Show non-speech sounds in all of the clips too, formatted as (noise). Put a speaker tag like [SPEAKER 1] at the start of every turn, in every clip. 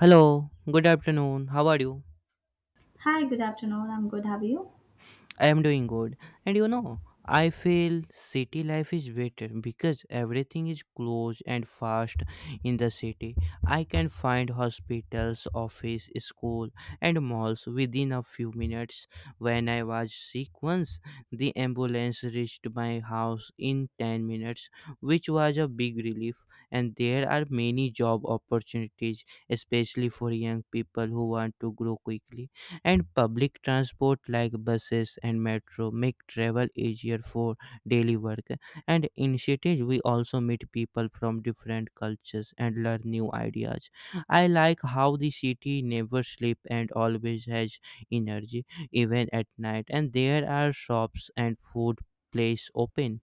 [SPEAKER 1] Hello, good afternoon. How are you?
[SPEAKER 2] Hi, good afternoon. I'm good. Have you?
[SPEAKER 1] I am doing good. And I feel city life is better because everything is close and fast in the city. I can find hospitals, office, school, and malls within a few minutes. When I was sick once, the ambulance reached my house in 10 minutes, which was a big relief. And there are many job opportunities, especially for young people who want to grow quickly. And public transport like buses and metro make travel easier for daily work. And in cities we also meet people from different cultures and learn new ideas. I like how the city never sleep and always has energy even at night, and there are shops and food place open.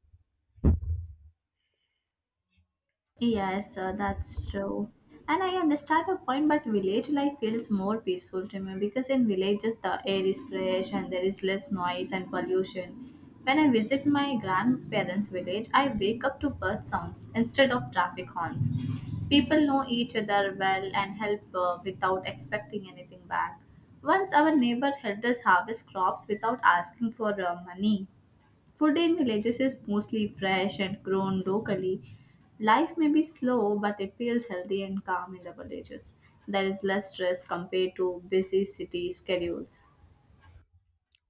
[SPEAKER 2] Yes, that's true. And I understand your point, but village life feels more peaceful to me because in villages the air is fresh and there is less noise and pollution. When I visit my grandparents' village, I wake up to bird sounds instead of traffic horns. People know each other well and help without expecting anything back. Once our neighbor helped us harvest crops without asking for money. Food in villages is mostly fresh and grown locally. Life may be slow, but it feels healthy and calm in the villages. There is less stress compared to busy city schedules.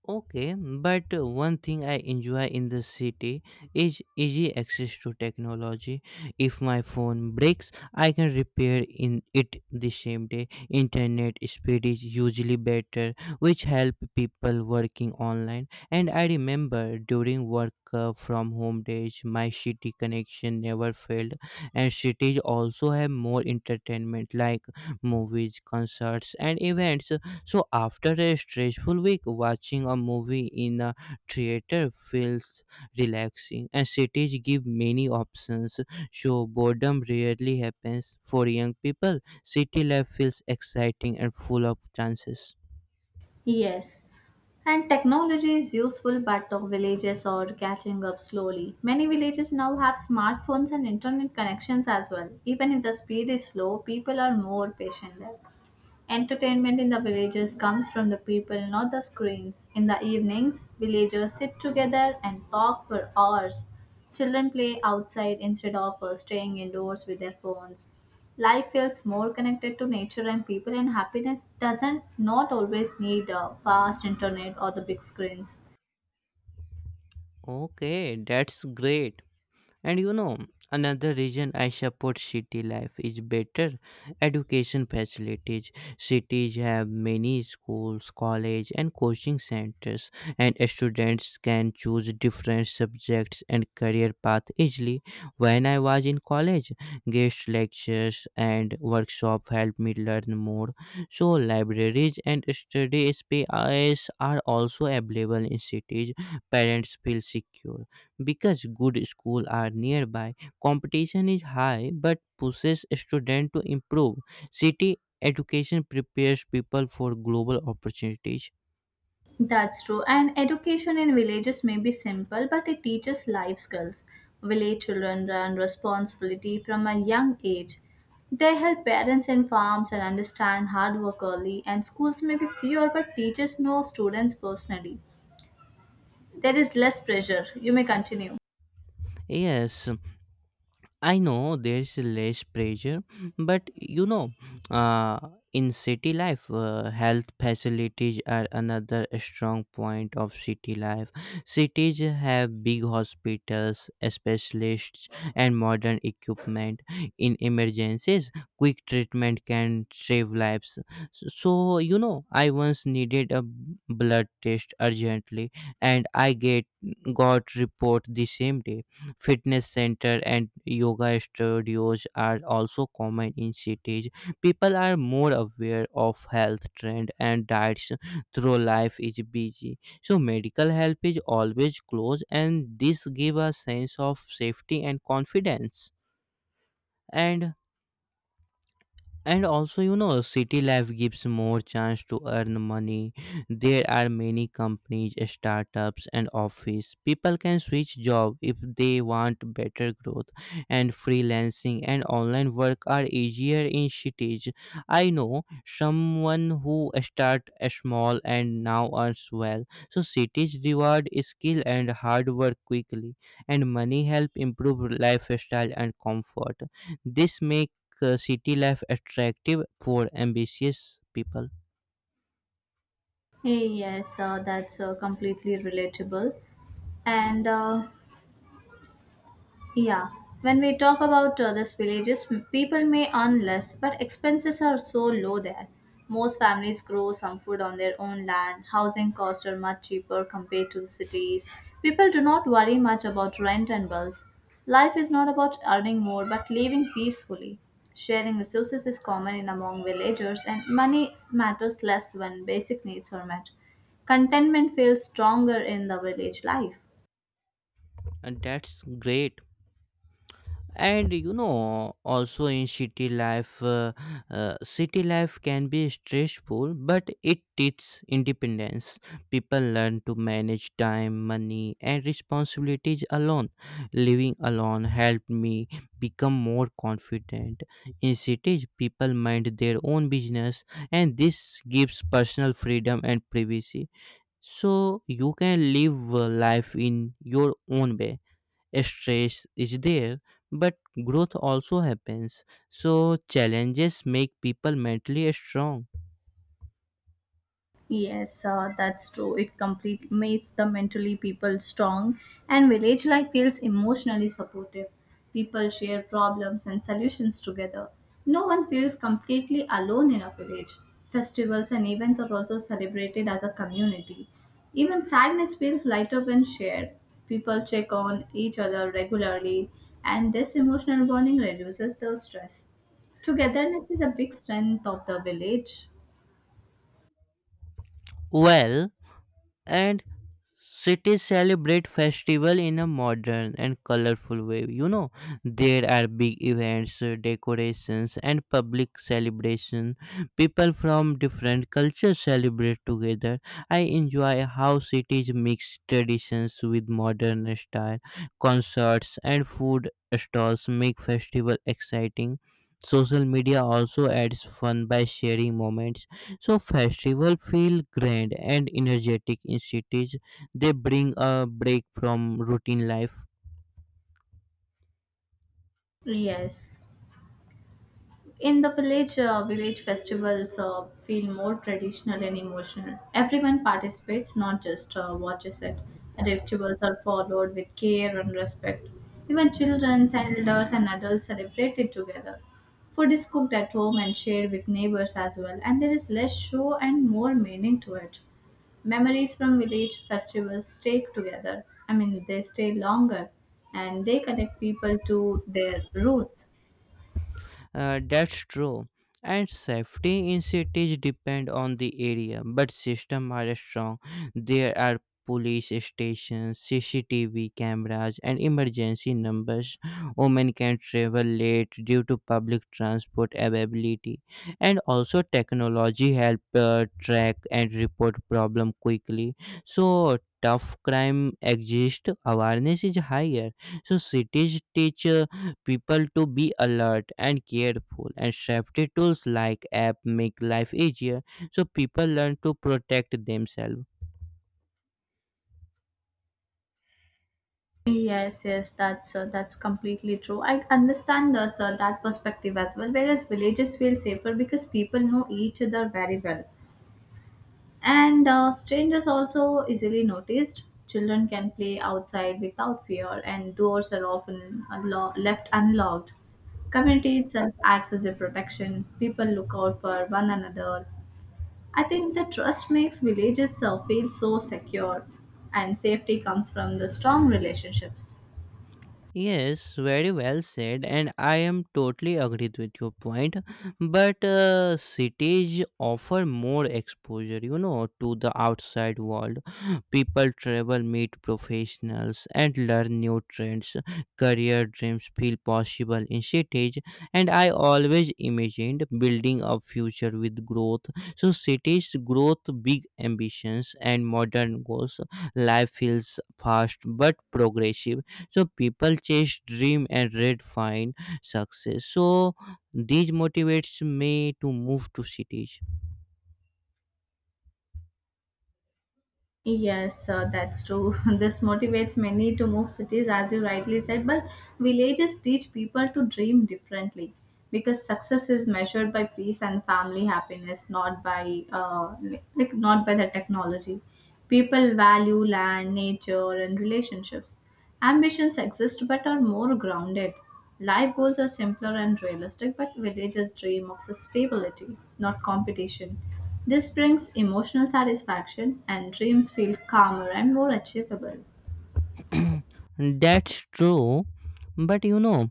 [SPEAKER 1] Okay, but one thing I enjoy in the city is easy access to technology. If my phone breaks, I can repair in it the same day. Internet speed is usually better, which help people working online. And I remember during work from home days, my city connection never failed. And cities also have more entertainment like movies, concerts, and events. So after a stressful week, watching a movie in a theater feels relaxing, and cities give many options, so boredom rarely happens. For young people, city life feels exciting and full of chances.
[SPEAKER 2] Yes, and technology is useful, but the villages are catching up slowly. Many villages now have smartphones and internet connections as well. Even if the speed is slow, people are more patient there. Entertainment in the villages comes from the people, not the screens. In the evenings, villagers sit together and talk for hours. Children play outside instead of staying indoors with their phones. Life feels more connected to nature and people, and happiness doesn't not always need a fast internet or the big screens.
[SPEAKER 1] Okay, that's great. And another reason I support city life is better education facilities. Cities have many schools, college and coaching centers, and students can choose different subjects and career path easily. When I was in college, guest lectures and workshop helped me learn more. So libraries and study spaces are also available in cities. Parents feel secure because good schools are nearby, competition is high but pushes students to improve. City education prepares people for global opportunities.
[SPEAKER 2] That's true. And education in villages may be simple, but it teaches life skills. Village children learn responsibility from a young age. They help parents in farms and understand hard work early, and schools may be fewer, but teachers know students personally. There is less pressure. You may continue.
[SPEAKER 1] Yes, I know there's less pressure, but uh, in city life, health facilities are another strong point of city life. Cities have big hospitals, specialists, and modern equipment. In emergencies, quick treatment can save lives. So, I once needed a blood test urgently, and I get got report the same day. Fitness center and yoga studios are also common in cities. People are more aware of health trend and diets through life is busy. So medical help is always close, and this give a sense of safety and confidence. And and also, city life gives more chance to earn money. There are many companies, startups, and office. People can switch job if they want better growth, and freelancing and online work are easier in cities. I know someone who start small and now earns well, so cities reward skill and hard work quickly, and money help improve lifestyle and comfort. This make city life attractive for ambitious people.
[SPEAKER 2] Yes, that's completely relatable. And Yeah, when we talk about these villages, people may earn less, but expenses are so low there. Most families grow some food on their own land. Housing costs are much cheaper compared to the cities. People do not worry much about rent and bills. Life is not about earning more, but living peacefully. Sharing resources is common in among villagers, and money matters less when basic needs are met. Contentment feels stronger in the village life.
[SPEAKER 1] And that's great. And also in city life, city life can be stressful, but it teaches independence. People learn to manage time, money, and responsibilities alone. Living alone helped me become more confident. In cities people mind their own business, and this gives personal freedom and privacy, so you can live a life in your own way. Stress is there, but growth also happens, so challenges make people mentally strong.
[SPEAKER 2] Yes, that's true. It completely makes the mentally people strong, and village life feels emotionally supportive. People share problems and solutions together. No one feels completely alone in a village. Festivals and events are also celebrated as a community. Even sadness feels lighter when shared. People check on each other regularly, and this emotional bonding reduces the stress. Togetherness is a big strength of the village.
[SPEAKER 1] Well, and cities celebrate festival in a modern and colorful way. There are big events, decorations, and public celebration. People from different cultures celebrate together. I enjoy how cities mix traditions with modern style. Concerts and food stalls make festival exciting. Social media also adds fun by sharing moments. So festival feel grand and energetic in cities. They bring a break from routine life.
[SPEAKER 2] Yes. In the village festivals feel more traditional and emotional. Everyone participates, not just watches it. Rituals are followed with care and respect. Even children, elders and adults celebrate it together. Food is cooked at home and shared with neighbors as well, and there is less show and more meaning to it. Memories from village festivals stay together, I mean they stay longer, and they connect people to their roots.
[SPEAKER 1] That's true. And safety in cities depend on the area, but systems are strong. There are police stations, CCTV cameras, and emergency numbers. Women can travel late due to public transport availability, and also technology help track and report problem quickly. So tough crime exist, awareness is higher, so cities teach people to be alert and careful, and safety tools like app make life easier, so people learn to protect themselves.
[SPEAKER 2] Yes, that's completely true. I understand the sir that perspective as well. Whereas villages feel safer because people know each other very well, and strangers also easily noticed. Children can play outside without fear, and doors are often left unlocked. Community itself acts as a protection. People look out for one another. I think the trust makes villages feel so secure, and safety comes from the strong relationships.
[SPEAKER 1] Yes, very well said, and I am totally agreed with your point. But cities offer more exposure, to the outside world. People travel, meet professionals, and learn new trends. Career dreams feel possible in cities, and I always imagined building a future with growth. So, cities growth, big ambitions, and modern goals. Life feels fast but progressive, so people chase dream and red find success, so these motivates me to move to cities.
[SPEAKER 2] Yes, that's true. (laughs) This motivates many to move cities, as you rightly said, but villages teach people to dream differently, because success is measured by peace and family happiness, not by like not by the technology. People value land, nature, and relationships. Ambitions exist but are more grounded. Life goals are simpler and realistic, but villagers dream of stability, not competition. This brings emotional satisfaction, and dreams feel calmer and more achievable.
[SPEAKER 1] (clears throat) That's true. but you know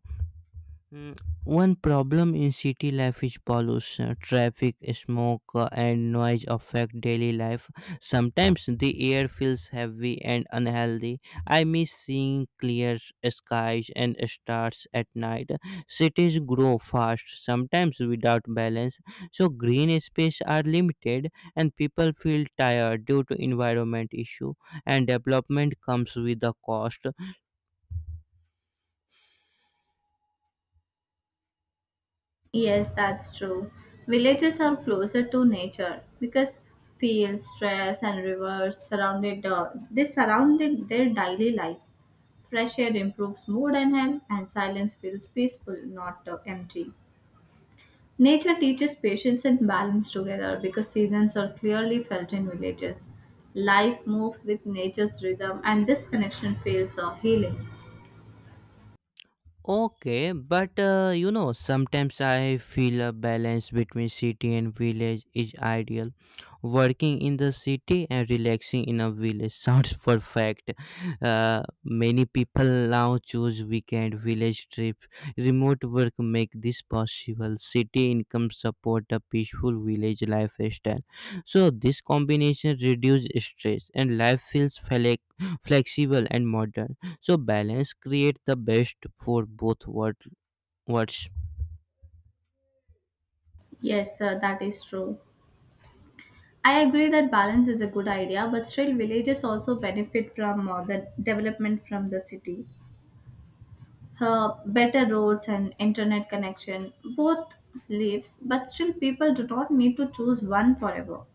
[SPEAKER 1] Mm, One problem in city life is pollution. Traffic, smoke, and noise affect daily life. Sometimes the air feels heavy and unhealthy. I miss seeing clear skies and stars at night. Cities grow fast, sometimes without balance. So green space are limited and people feel tired due to environment issue, and development comes with a cost.
[SPEAKER 2] Yes, that's true. Villages are closer to nature because fields, stress, and rivers surrounded they surrounded their daily life. Fresh air improves mood and health, and silence feels peaceful, not empty. Nature teaches patience and balance together, because seasons are clearly felt in villages. Life moves with nature's rhythm, and this connection feels healing.
[SPEAKER 1] Okay, but sometimes I feel a balance between city and village is ideal. Working in the city and relaxing in a village sounds (laughs) perfect. Many people now choose weekend village trips. Remote work make this possible. City income support a peaceful village lifestyle. So this combination reduces stress and life feels flexible and modern, so balance create the best for both worlds.
[SPEAKER 2] Yes, sir, that is true. I agree that balance is a good idea, but still, villages also benefit from the development from the city. Better roads and internet connection both lives, but still, people do not need to choose one forever.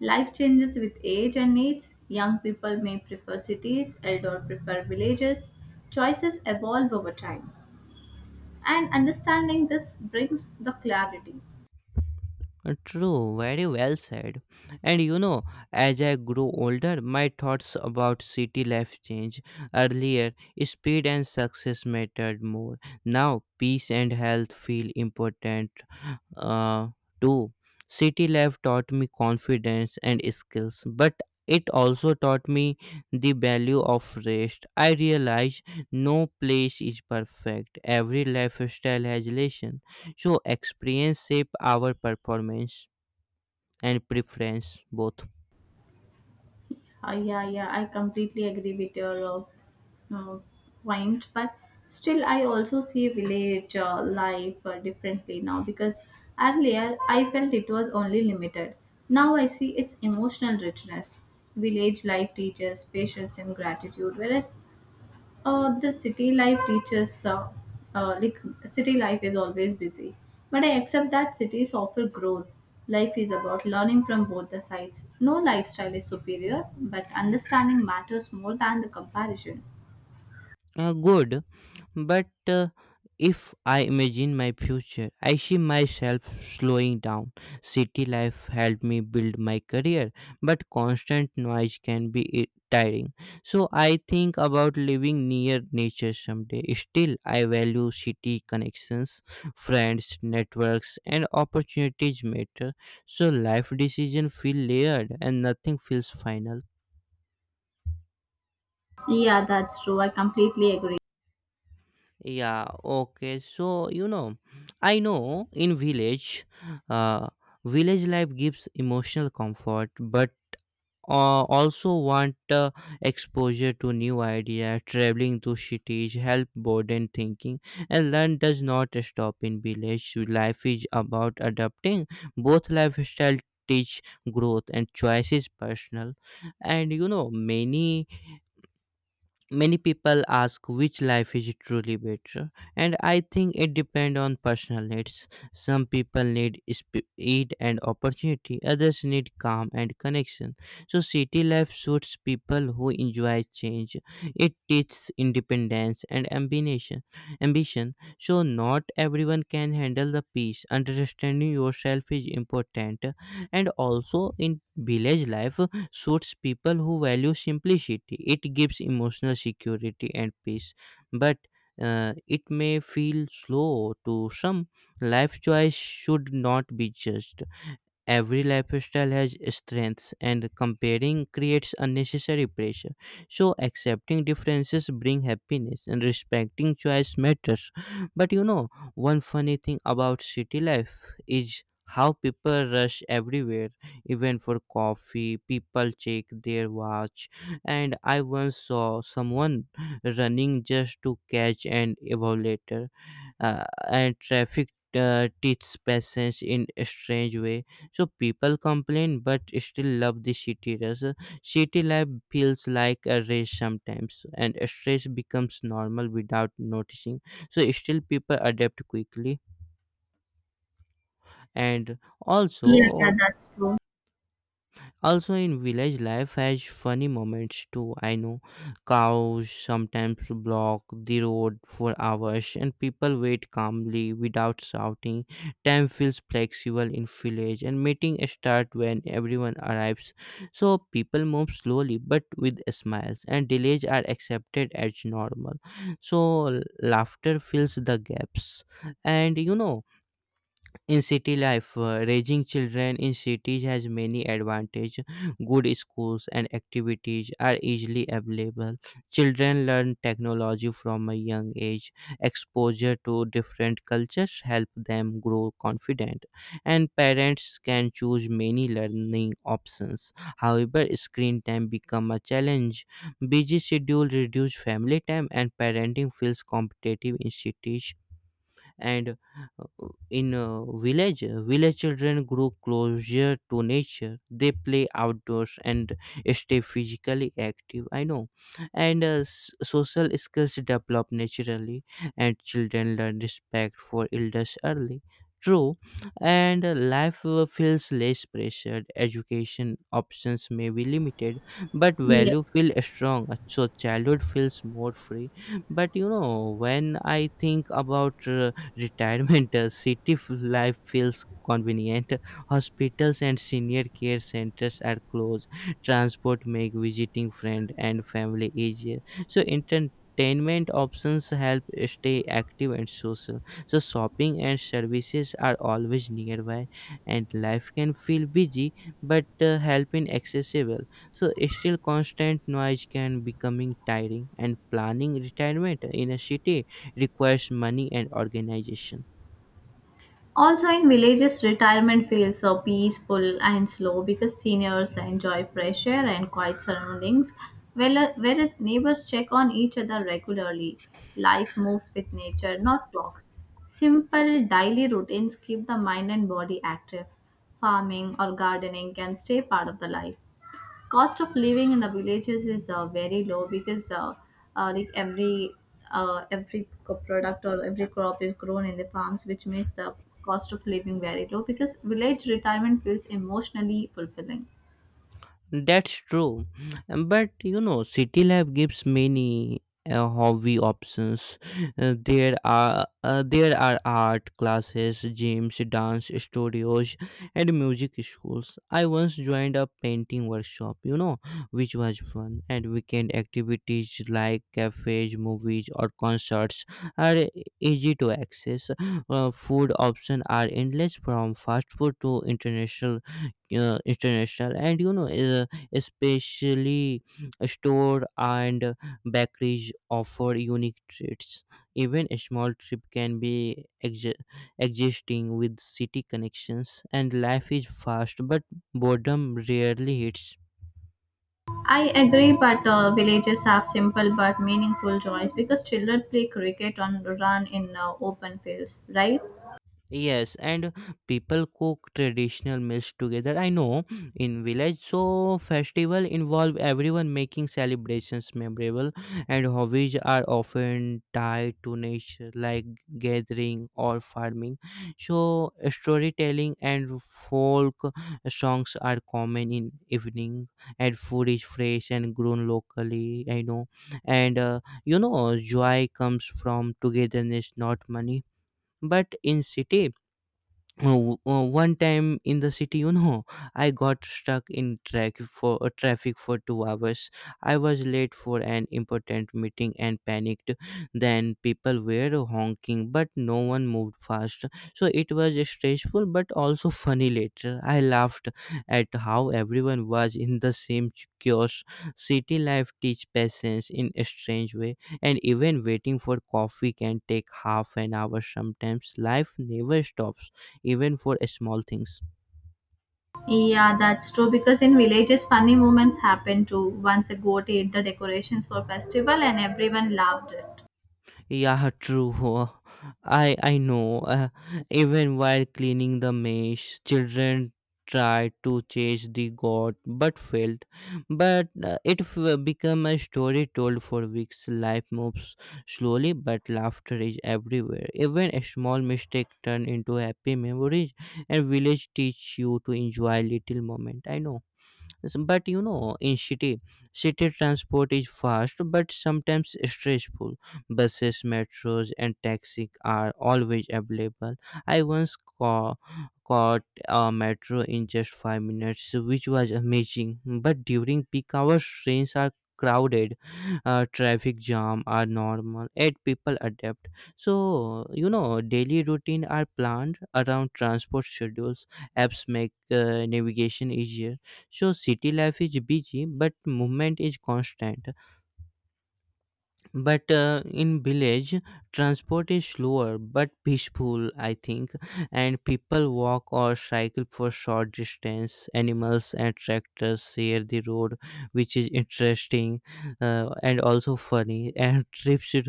[SPEAKER 2] Life changes with age and needs. Young people may prefer cities, elder prefer villages. Choices evolve over time. And understanding this brings the clarity.
[SPEAKER 1] True, very well said. And as I grew older, my thoughts about city life changed. Earlier, speed and success mattered more. Now, peace and health feel important uh, too. City life taught me confidence and skills, but it also taught me the value of rest. I realized no place is perfect, every lifestyle has lessons. So experience shape our performance and preference both.
[SPEAKER 2] Yeah, I completely agree with your uh, uh, point, but still, I also see village life differently now, because earlier I felt it was only limited. Now I see its emotional richness. Village life teaches patience and gratitude, whereas the city life teaches, like city life is always busy. But I accept that cities offer growth. Life is about learning from both the sides. No lifestyle is superior, but understanding matters more than the comparison.
[SPEAKER 1] Good. But if I imagine my future, I see myself slowing down. City life helped me build my career, but constant noise can be tiring. So I think about living near nature someday. Still, I value city connections, friends, networks, and opportunities matter. So life decision feel layered and nothing feels final.
[SPEAKER 2] Yeah, that's true. I completely agree.
[SPEAKER 1] Yeah, okay. So, I know in uh, village life gives emotional comfort, but also want exposure to new idea, traveling to cities, help broaden thinking, and learn does not stop in village. Life is about adapting. Both lifestyle teach growth and choice is personal. And many people ask which life is truly better, and I think it depends on personal needs. Some people need speed and opportunity, others need calm and connection. So city life suits people who enjoy change. It teaches independence and ambition, so not everyone can handle the peace. Understanding yourself is important. And also, in village life suits people who value simplicity. It gives emotional security and peace, but it may feel slow to some. Life choice should not be judged. Every lifestyle has strengths, and comparing creates unnecessary pressure, so accepting differences bring happiness and respecting choice matters. But one funny thing about city life is how people rush everywhere. Even for coffee, people check their watch, and I once saw someone running just to catch an evaluator. uh, and traffic teaches patience in a strange way, so people complain but still love the city rush. City life feels like a race sometimes and stress becomes normal without noticing. So still people adapt quickly. And
[SPEAKER 2] Yeah, yeah,
[SPEAKER 1] also,
[SPEAKER 2] that's true.
[SPEAKER 1] Also, in village life has funny moments too. I know cows sometimes block the road for hours and people wait calmly without shouting. Time feels flexible in village and meeting start when everyone arrives. So people move slowly but with smiles, and delays are accepted as normal. So laughter fills the gaps. And in city life, raising children in cities has many advantages. Good schools and activities are easily available. Children learn technology from a young age. Exposure to different cultures help them grow confident, and parents can choose many learning options. However, screen time become a challenge. Busy schedule reduce family time and parenting feels competitive in cities. And in village children grow closer to nature. They play outdoors and stay physically active, I know. And social skills develop naturally, and children learn respect for elders early. True. And life feels less pressured. Education options may be limited, but
[SPEAKER 2] Yeah.
[SPEAKER 1] value feel strong, so childhood feels more free. But when I think about retirement, city life feels convenient. Hospitals and senior care centers are close. Transport make visiting friend and family easier, so entertainment options help stay active and social, so shopping and services are always nearby, and life can feel busy, but help in accessible. So still constant noise can becoming tiring, and planning retirement in a city requires money and organization.
[SPEAKER 2] Also, in villages, retirement feels so peaceful and slow, because seniors enjoy fresh air and quiet surroundings, whereas neighbors check on each other regularly. Life moves with nature, not clocks. Simple daily routines keep the mind and body active. Farming or gardening can stay part of the life. Cost of living in the villages is very low, because like every product or every crop is grown in the farms, which makes the cost of living very low, because village retirement feels emotionally fulfilling.
[SPEAKER 1] That's true, but City Lab gives many hobby options. There are art classes, gyms, dance studios, and music schools. I once joined a painting workshop, which was fun. And weekend activities like cafes, movies, or concerts are easy to access. Food options are endless from fast food to international, uh, international, and you know, uh, especially store and bakeries offer unique treats. Even a small trip can be existing with city connections, and life is fast, but boredom rarely hits.
[SPEAKER 2] I agree, but villages have simple but meaningful joys, because children play cricket and run in open fields, right?
[SPEAKER 1] Yes, and people cook traditional meals together. I know in village, so festival involve everyone making celebrations memorable, and hobbies are often tied to nature, like gathering or farming. So storytelling and folk songs are common in evening, and food is fresh and grown locally. I know, and you know, joy comes from togetherness, not money. But in city, oh, one time in the city, I got stuck in track for traffic for 2 hours. I was late for an important meeting and panicked. Then people were honking but no one moved fast, so it was stressful but also funny. Later I laughed at how everyone was in the same chaos. City life teach patience in a strange way, and even waiting for coffee can take half an hour. Sometimes life never stops, even for a small things.
[SPEAKER 2] Yeah, that's true, because in villages, funny moments happen too. Once a goat ate the decorations for festival and everyone loved it.
[SPEAKER 1] Yeah, true. (laughs) I know, even while cleaning the mesh, children tried to chase the god but failed. But it became a story told for weeks. Life moves slowly but laughter is everywhere. Even a small mistake turn into happy memories, and village teach you to enjoy little moment. I know. But you know, in city, city transport is fast but sometimes stressful. Buses, metros, and taxi are always available. I once caught a metro in just 5 minutes, which was amazing. But during peak hours trains are crowded. Traffic jam are normal and people adapt. So you know, daily routine are planned around transport schedules. Apps make navigation easier. So city life is busy, but movement is constant. But in village, transport is slower but peaceful, I think. And people walk or cycle for short distance. Animals and tractors share the road, which is interesting, and also funny. And (laughs) trips to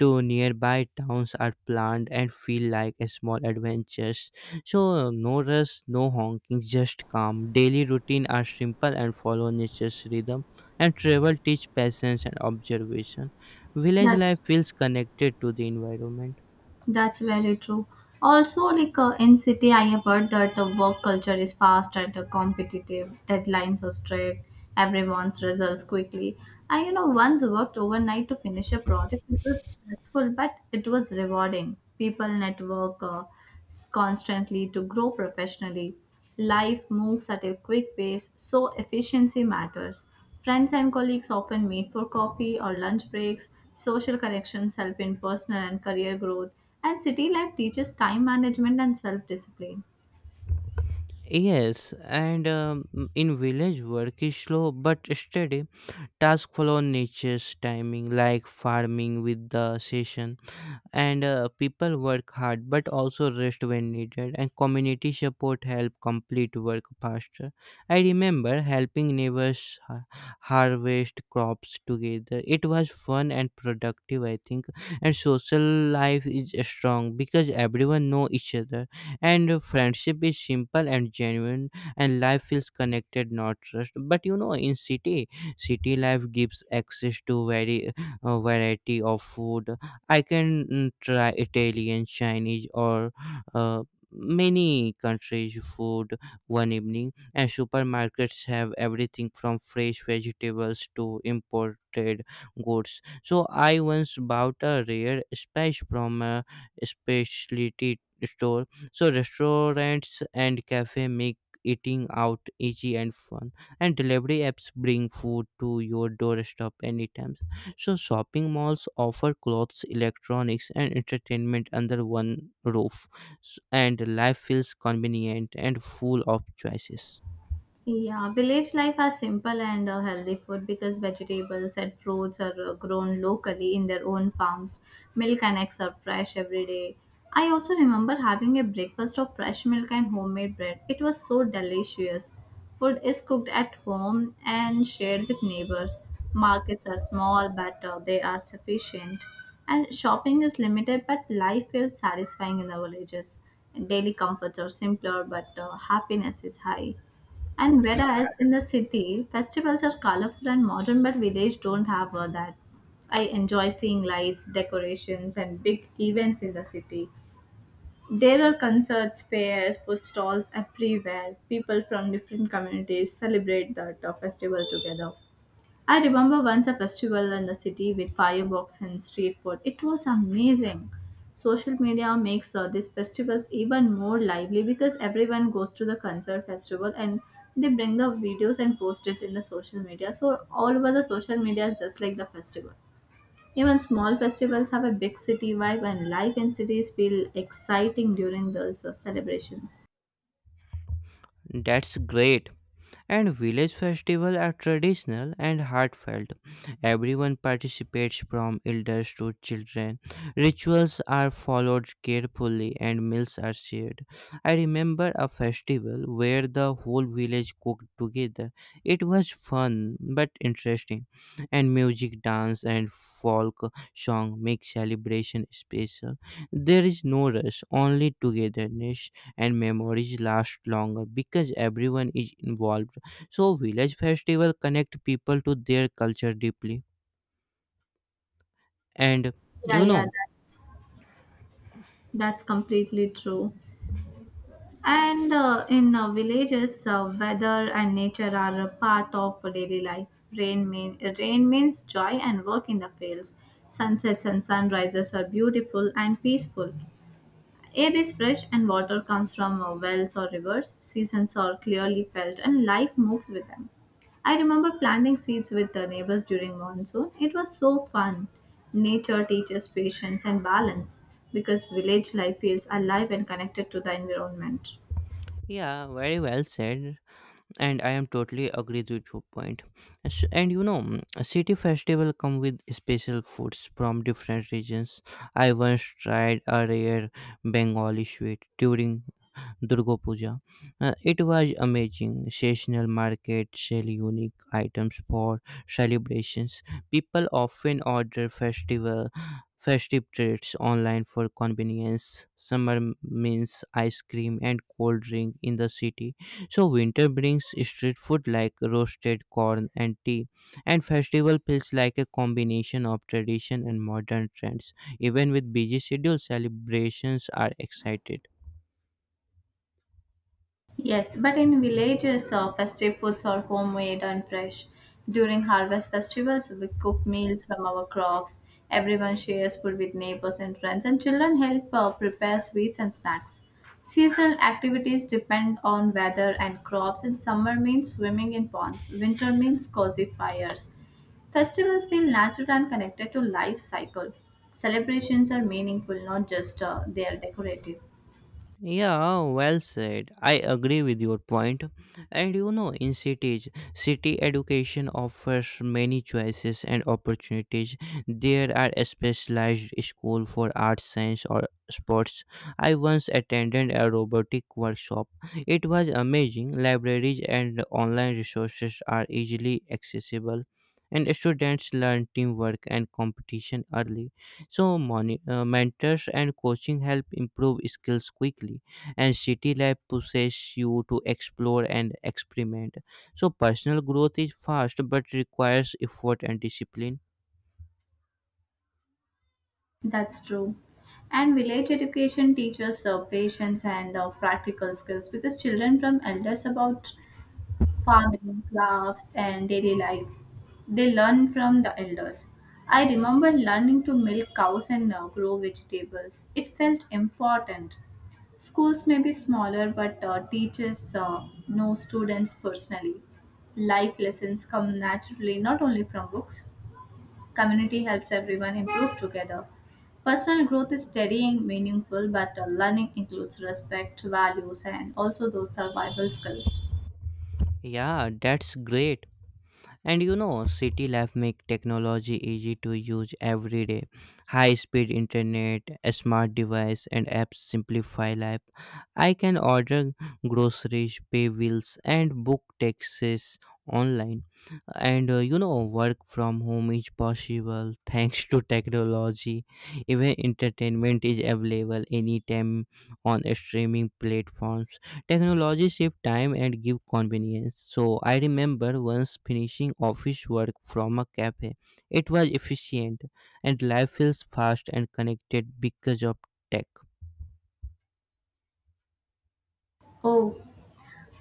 [SPEAKER 1] nearby towns are planned and feel like a small adventures. So no rush, no honking, just calm. Daily routine are simple and follow nature's rhythm, and travel teach patience and observation. Village
[SPEAKER 2] That's
[SPEAKER 1] life feels connected to the environment.
[SPEAKER 2] That's very true. Also, like in city, I have heard that the work culture is fast and competitive. Deadlines are strict. Everyone's results quickly. I, you know, once worked overnight to finish a project. It was stressful, but it was rewarding. People network constantly to grow professionally. Life moves at a quick pace, so efficiency matters. Friends and colleagues often meet for coffee or lunch breaks. Social connections help in personal and career growth, and city life teaches time management and self discipline.
[SPEAKER 1] Yes, and in village, work is slow but steady. Tasks follow nature's timing, like farming with the season, and people work hard but also rest when needed, and community support help complete work faster. I remember helping neighbors harvest crops together. It was fun and productive, I think. And social life is strong because everyone know each other, and friendship is simple and genuine, and life feels connected, not rushed. But you know, in city, city life gives access to very variety of food. I can try Italian, Chinese, or uh, many countries' food one evening. And supermarkets have everything from fresh vegetables to imported goods. So I once bought a rare spice from a specialty store. So restaurants and cafe make eating out easy and fun, and delivery apps bring food to your doorstep anytime. So shopping malls offer clothes, electronics, and entertainment under one roof, and life feels convenient and full of choices.
[SPEAKER 2] Yeah, village life has simple and healthy food, because vegetables and fruits are grown locally in their own farms. Milk and eggs are fresh every day. I also remember having a breakfast of fresh milk and homemade bread. It was so delicious. Food is cooked at home and shared with neighbors. Markets are small but they are sufficient. And shopping is limited but life feels satisfying in the villages. Daily comforts are simpler but happiness is high. And whereas in the city, festivals are colorful and modern, but village don't have all that. I enjoy seeing lights, decorations, and big events in the city. There are concerts, fairs, food stalls everywhere. People from different communities celebrate the festival together. I remember once a festival in the city with fireworks and street food. It was amazing. Social media makes these festivals even more lively, because everyone goes to the concert festival and they bring the videos and post it in the social media. So all over the social media is just like the festival. Even small festivals have a big city vibe and life in cities feel exciting during those celebrations.
[SPEAKER 1] That's great. And village festivals are traditional and heartfelt. Everyone participates from elders to children. Rituals are followed carefully and meals are shared. I remember a festival where the whole village cooked together. It was fun but interesting, and music, dance, and folk song make celebration special. There is no rush, only togetherness, and memories last longer because everyone is involved. So village festival connect people to their culture deeply. And
[SPEAKER 2] Yeah,
[SPEAKER 1] you
[SPEAKER 2] yeah,
[SPEAKER 1] know,
[SPEAKER 2] that's completely true. And in villages, weather and nature are a part of daily life. Rain means joy and work in the fields. Sunsets and sunrises are beautiful and peaceful. Air is fresh and water comes from wells or rivers. Seasons are clearly felt and life moves with them. I remember planting seeds with the neighbors during monsoon. It was so fun. Nature teaches patience and balance, because village life feels alive and connected to the environment.
[SPEAKER 1] yeah, very well said. And I am totally agree with your point. And you know, city festival come with special foods from different regions. I once tried a rare Bengali sweet during Durga Puja. It was amazing. Seasonal market sell unique items for celebrations. People often order festival festive treats online for convenience. Summer means ice cream and cold drink in the city. So winter brings street food like roasted corn and tea. And festival feels like a combination of tradition and modern trends. Even with busy schedule, celebrations are excited.
[SPEAKER 2] Yes, but in villages, festive foods are homemade and fresh. During harvest festivals, we cook meals from our crops. Everyone shares food with neighbors and friends, and children help prepare sweets and snacks. Seasonal activities depend on weather and crops, and summer means swimming in ponds, winter means cozy fires. Festivals feel natural and connected to life cycle. Celebrations are meaningful, not just they are decorative.
[SPEAKER 1] Yeah, well said. I agree with your point. And you know, in cities, city education offers many choices and opportunities. There are a specialized school for arts, science, or sports. I once attended a robotic workshop. It was amazing. Libraries and online resources are easily accessible, and students learn teamwork and competition early. So mentors and coaching help improve skills quickly, and city life pushes you to explore and experiment. So personal growth is fast but requires effort and discipline.
[SPEAKER 2] That's true. And village education teaches patience and practical skills, because children from elders about farming, crafts, and daily life. They learn from the elders. I remember learning to milk cows and grow vegetables. It felt important. Schools may be smaller, but teachers know students personally. Life lessons come naturally not only from books. Community helps everyone improve together. Personal growth is steadying, meaningful, but learning includes respect, values, and also those survival skills.
[SPEAKER 1] Yeah, that's great. And you know, city life make technology easy to use every day. High speed internet, a smart device, and apps simplify life. I can order groceries, pay bills, and book taxes online, and work from home is possible thanks to technology. Even entertainment is available anytime on streaming platforms. Technology save time and give convenience. So I remember once finishing office work from a cafe. It was efficient, and life feels fast and connected because of tech.
[SPEAKER 2] Oh,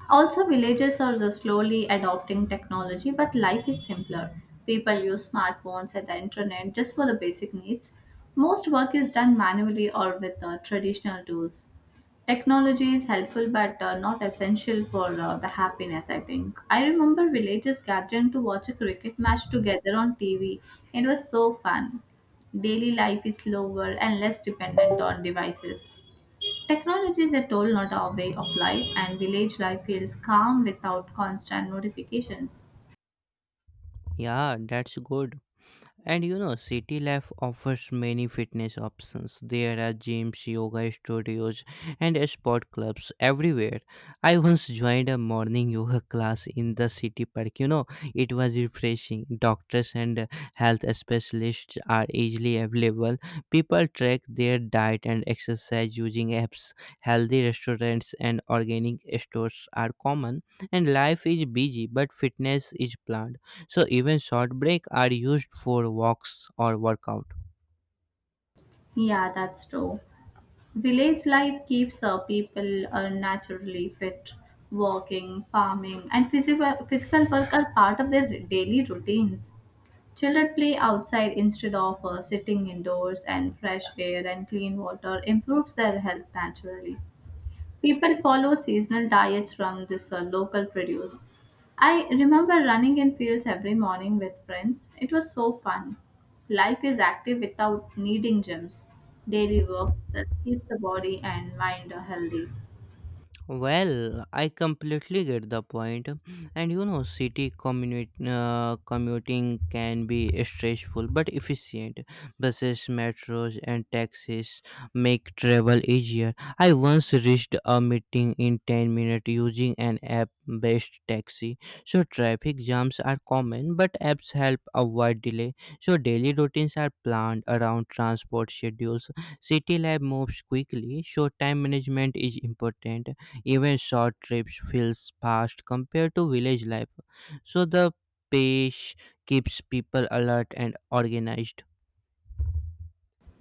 [SPEAKER 2] also villages are just slowly adopting technology, but life is simpler. People use smartphones and the internet just for the basic needs. Most work is done manually or with traditional tools. Technology is helpful but not essential for the happiness, I think. I remember villagers gathering to watch a cricket match together on TV. It was so fun. Daily life is slower and less dependent on devices. Technology is a tool, not our way of life, and village life feels calm without constant notifications.
[SPEAKER 1] Yeah, that's good. And you know, city life offers many fitness options. There are gyms, yoga studios, and sport clubs everywhere. I once joined a morning (laughs) yoga class in the city park. You know, it was refreshing. Doctors and health specialists are easily available. People track their diet and exercise using apps. Healthy restaurants and organic stores are common, and life is busy, but fitness is planned. So even short break are used for walks or workout.
[SPEAKER 2] Yeah, that's true. Village life keeps people naturally fit. Walking, farming, and physical work are part of their daily routines. Children play outside instead of sitting indoors, and fresh air and clean water improves their health naturally. People follow seasonal diets from this local produce. I remember running in fields every morning with friends. It was so fun. Life is active without needing gyms. Daily work that keeps the body and mind healthy.
[SPEAKER 1] Well, I completely get the point. And you know, commuting can be stressful but efficient. Buses, metros, and taxis make travel easier. I once reached a meeting in 10 minutes using an app based taxi. So traffic jams are common, but apps help avoid delay. So daily routines are planned around transport schedules. City life moves quickly, so time management is important. Even short trips feels fast compared to village life. So the pace keeps people alert and organized.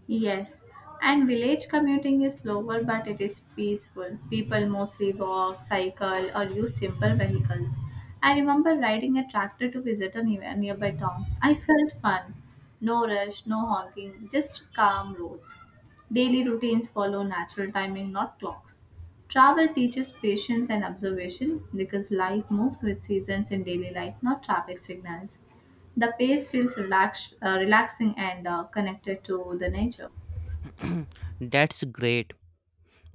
[SPEAKER 2] Yes, and village commuting is slower but it is peaceful. People mostly walk, cycle, or use simple vehicles. I remember riding a tractor to visit a a nearby town. I felt fun. No rush, no honking, just calm roads. Daily routines follow natural timing, not clocks. Travel teaches patience and observation, because life moves with seasons in daily life, not traffic signals. The pace feels relaxing and connected to the nature.
[SPEAKER 1] (clears throat) That's great.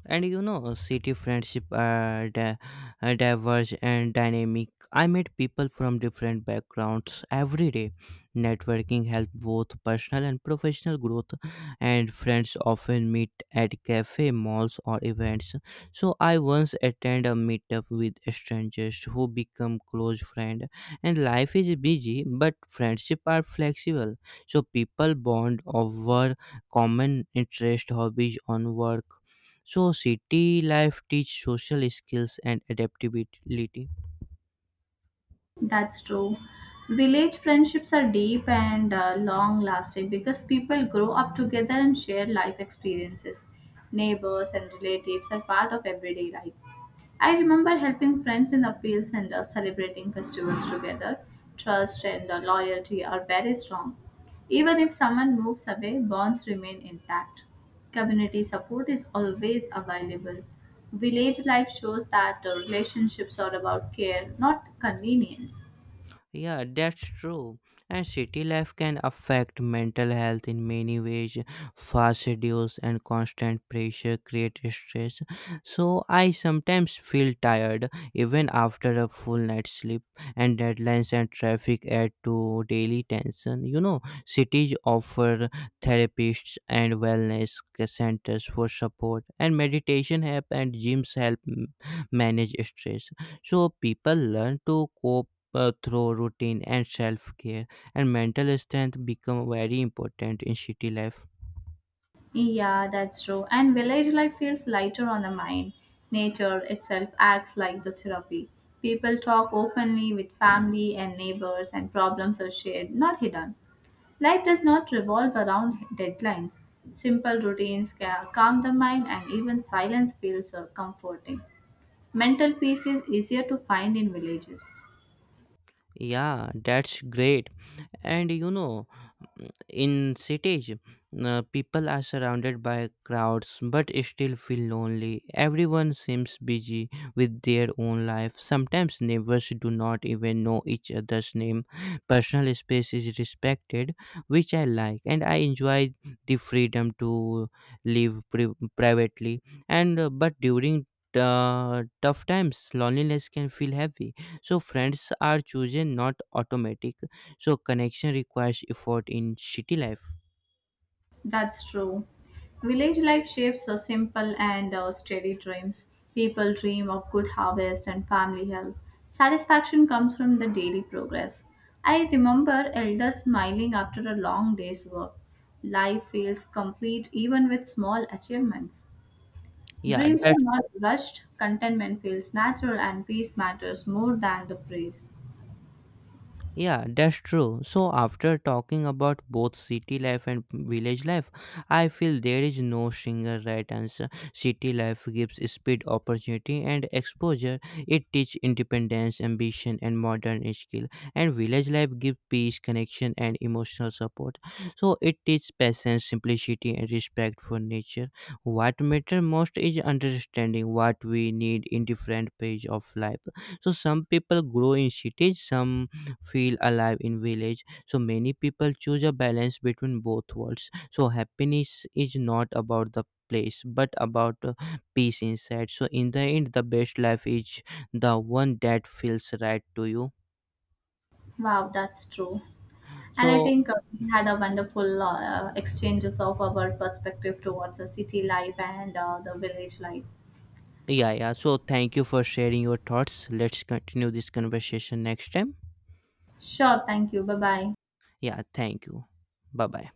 [SPEAKER 1] And you know, city friendship are diverse and dynamic. I met people from different backgrounds every day. Networking helped both personal and professional growth, and friends often meet at cafe, malls, or events. So I once attend a meetup with strangers who become close friend, and life is busy but friendship are flexible. So people bond over common interest, hobbies on work. So city life teach social skills and adaptability.
[SPEAKER 2] That's true. Village friendships are deep and long lasting, because people grow up together and share life experiences. Neighbors and relatives are part of everyday life. I remember helping friends in the fields and celebrating festivals together. Trust and loyalty are very strong. Even if someone moves away, bonds remain intact. Community support is always available. Village life shows that relationships are about care, not convenience.
[SPEAKER 1] Yeah, that's true. And city life can affect mental health in many ways. Fast schedules and constant pressure create stress. So I sometimes feel tired even after a full night's sleep, and deadlines and traffic add to daily tension. You know, cities offer therapists and wellness centers for support, and meditation help and gyms help manage stress. So people learn to cope through routine and self care, and mental strength become very important in city life.
[SPEAKER 2] Yeah, that's true. And village life feels lighter on the mind. Nature itself acts like the therapy. People talk openly with family and neighbors, and problems are shared, not hidden. Life does not revolve around deadlines. Simple routines calm the mind, and even silence feels comforting. Mental peace is easier to find in villages.
[SPEAKER 1] Yeah, that's great. And you know, in cities, people are surrounded by crowds but still feel lonely. Everyone seems busy with their own life. Sometimes neighbors do not even know each other's name. Personal space is respected, which I like, and I enjoy the freedom to live pri- privately. And but during tough times, loneliness can feel heavy. So friends are chosen, not automatic. So connection requires effort in city life.
[SPEAKER 2] That's true. Village life shapes the simple and steady dreams. People dream of good harvest and family help. Satisfaction comes from the daily progress. I remember elders smiling after a long day's work. Life feels complete even with small achievements.
[SPEAKER 1] Yeah,
[SPEAKER 2] Dreams are
[SPEAKER 1] that's
[SPEAKER 2] not rushed, contentment feels natural, and peace matters more than the praise.
[SPEAKER 1] Yeah, that's true. So after talking about both city life and village life, I feel there is no single right answer. City life gives speed, opportunity, and exposure. It teaches independence, ambition, and modern skill. And village life gives peace, connection, and emotional support. So it teaches patience, simplicity, and respect for nature. What matters most is understanding what we need in different phases of life. So some people grow in cities, some feel alive in village. So many people choose a balance between both worlds. So happiness is not about the place but about peace inside. So in the end, the best life is the one that feels right to you.
[SPEAKER 2] Wow, that's true. And I
[SPEAKER 1] So
[SPEAKER 2] think we had a wonderful exchanges of our perspective towards the city life and the village life.
[SPEAKER 1] yeah, so thank you for sharing your thoughts. Let's continue this conversation next time.
[SPEAKER 2] Sure, thank you. Bye bye.
[SPEAKER 1] Yeah, thank you. Bye bye.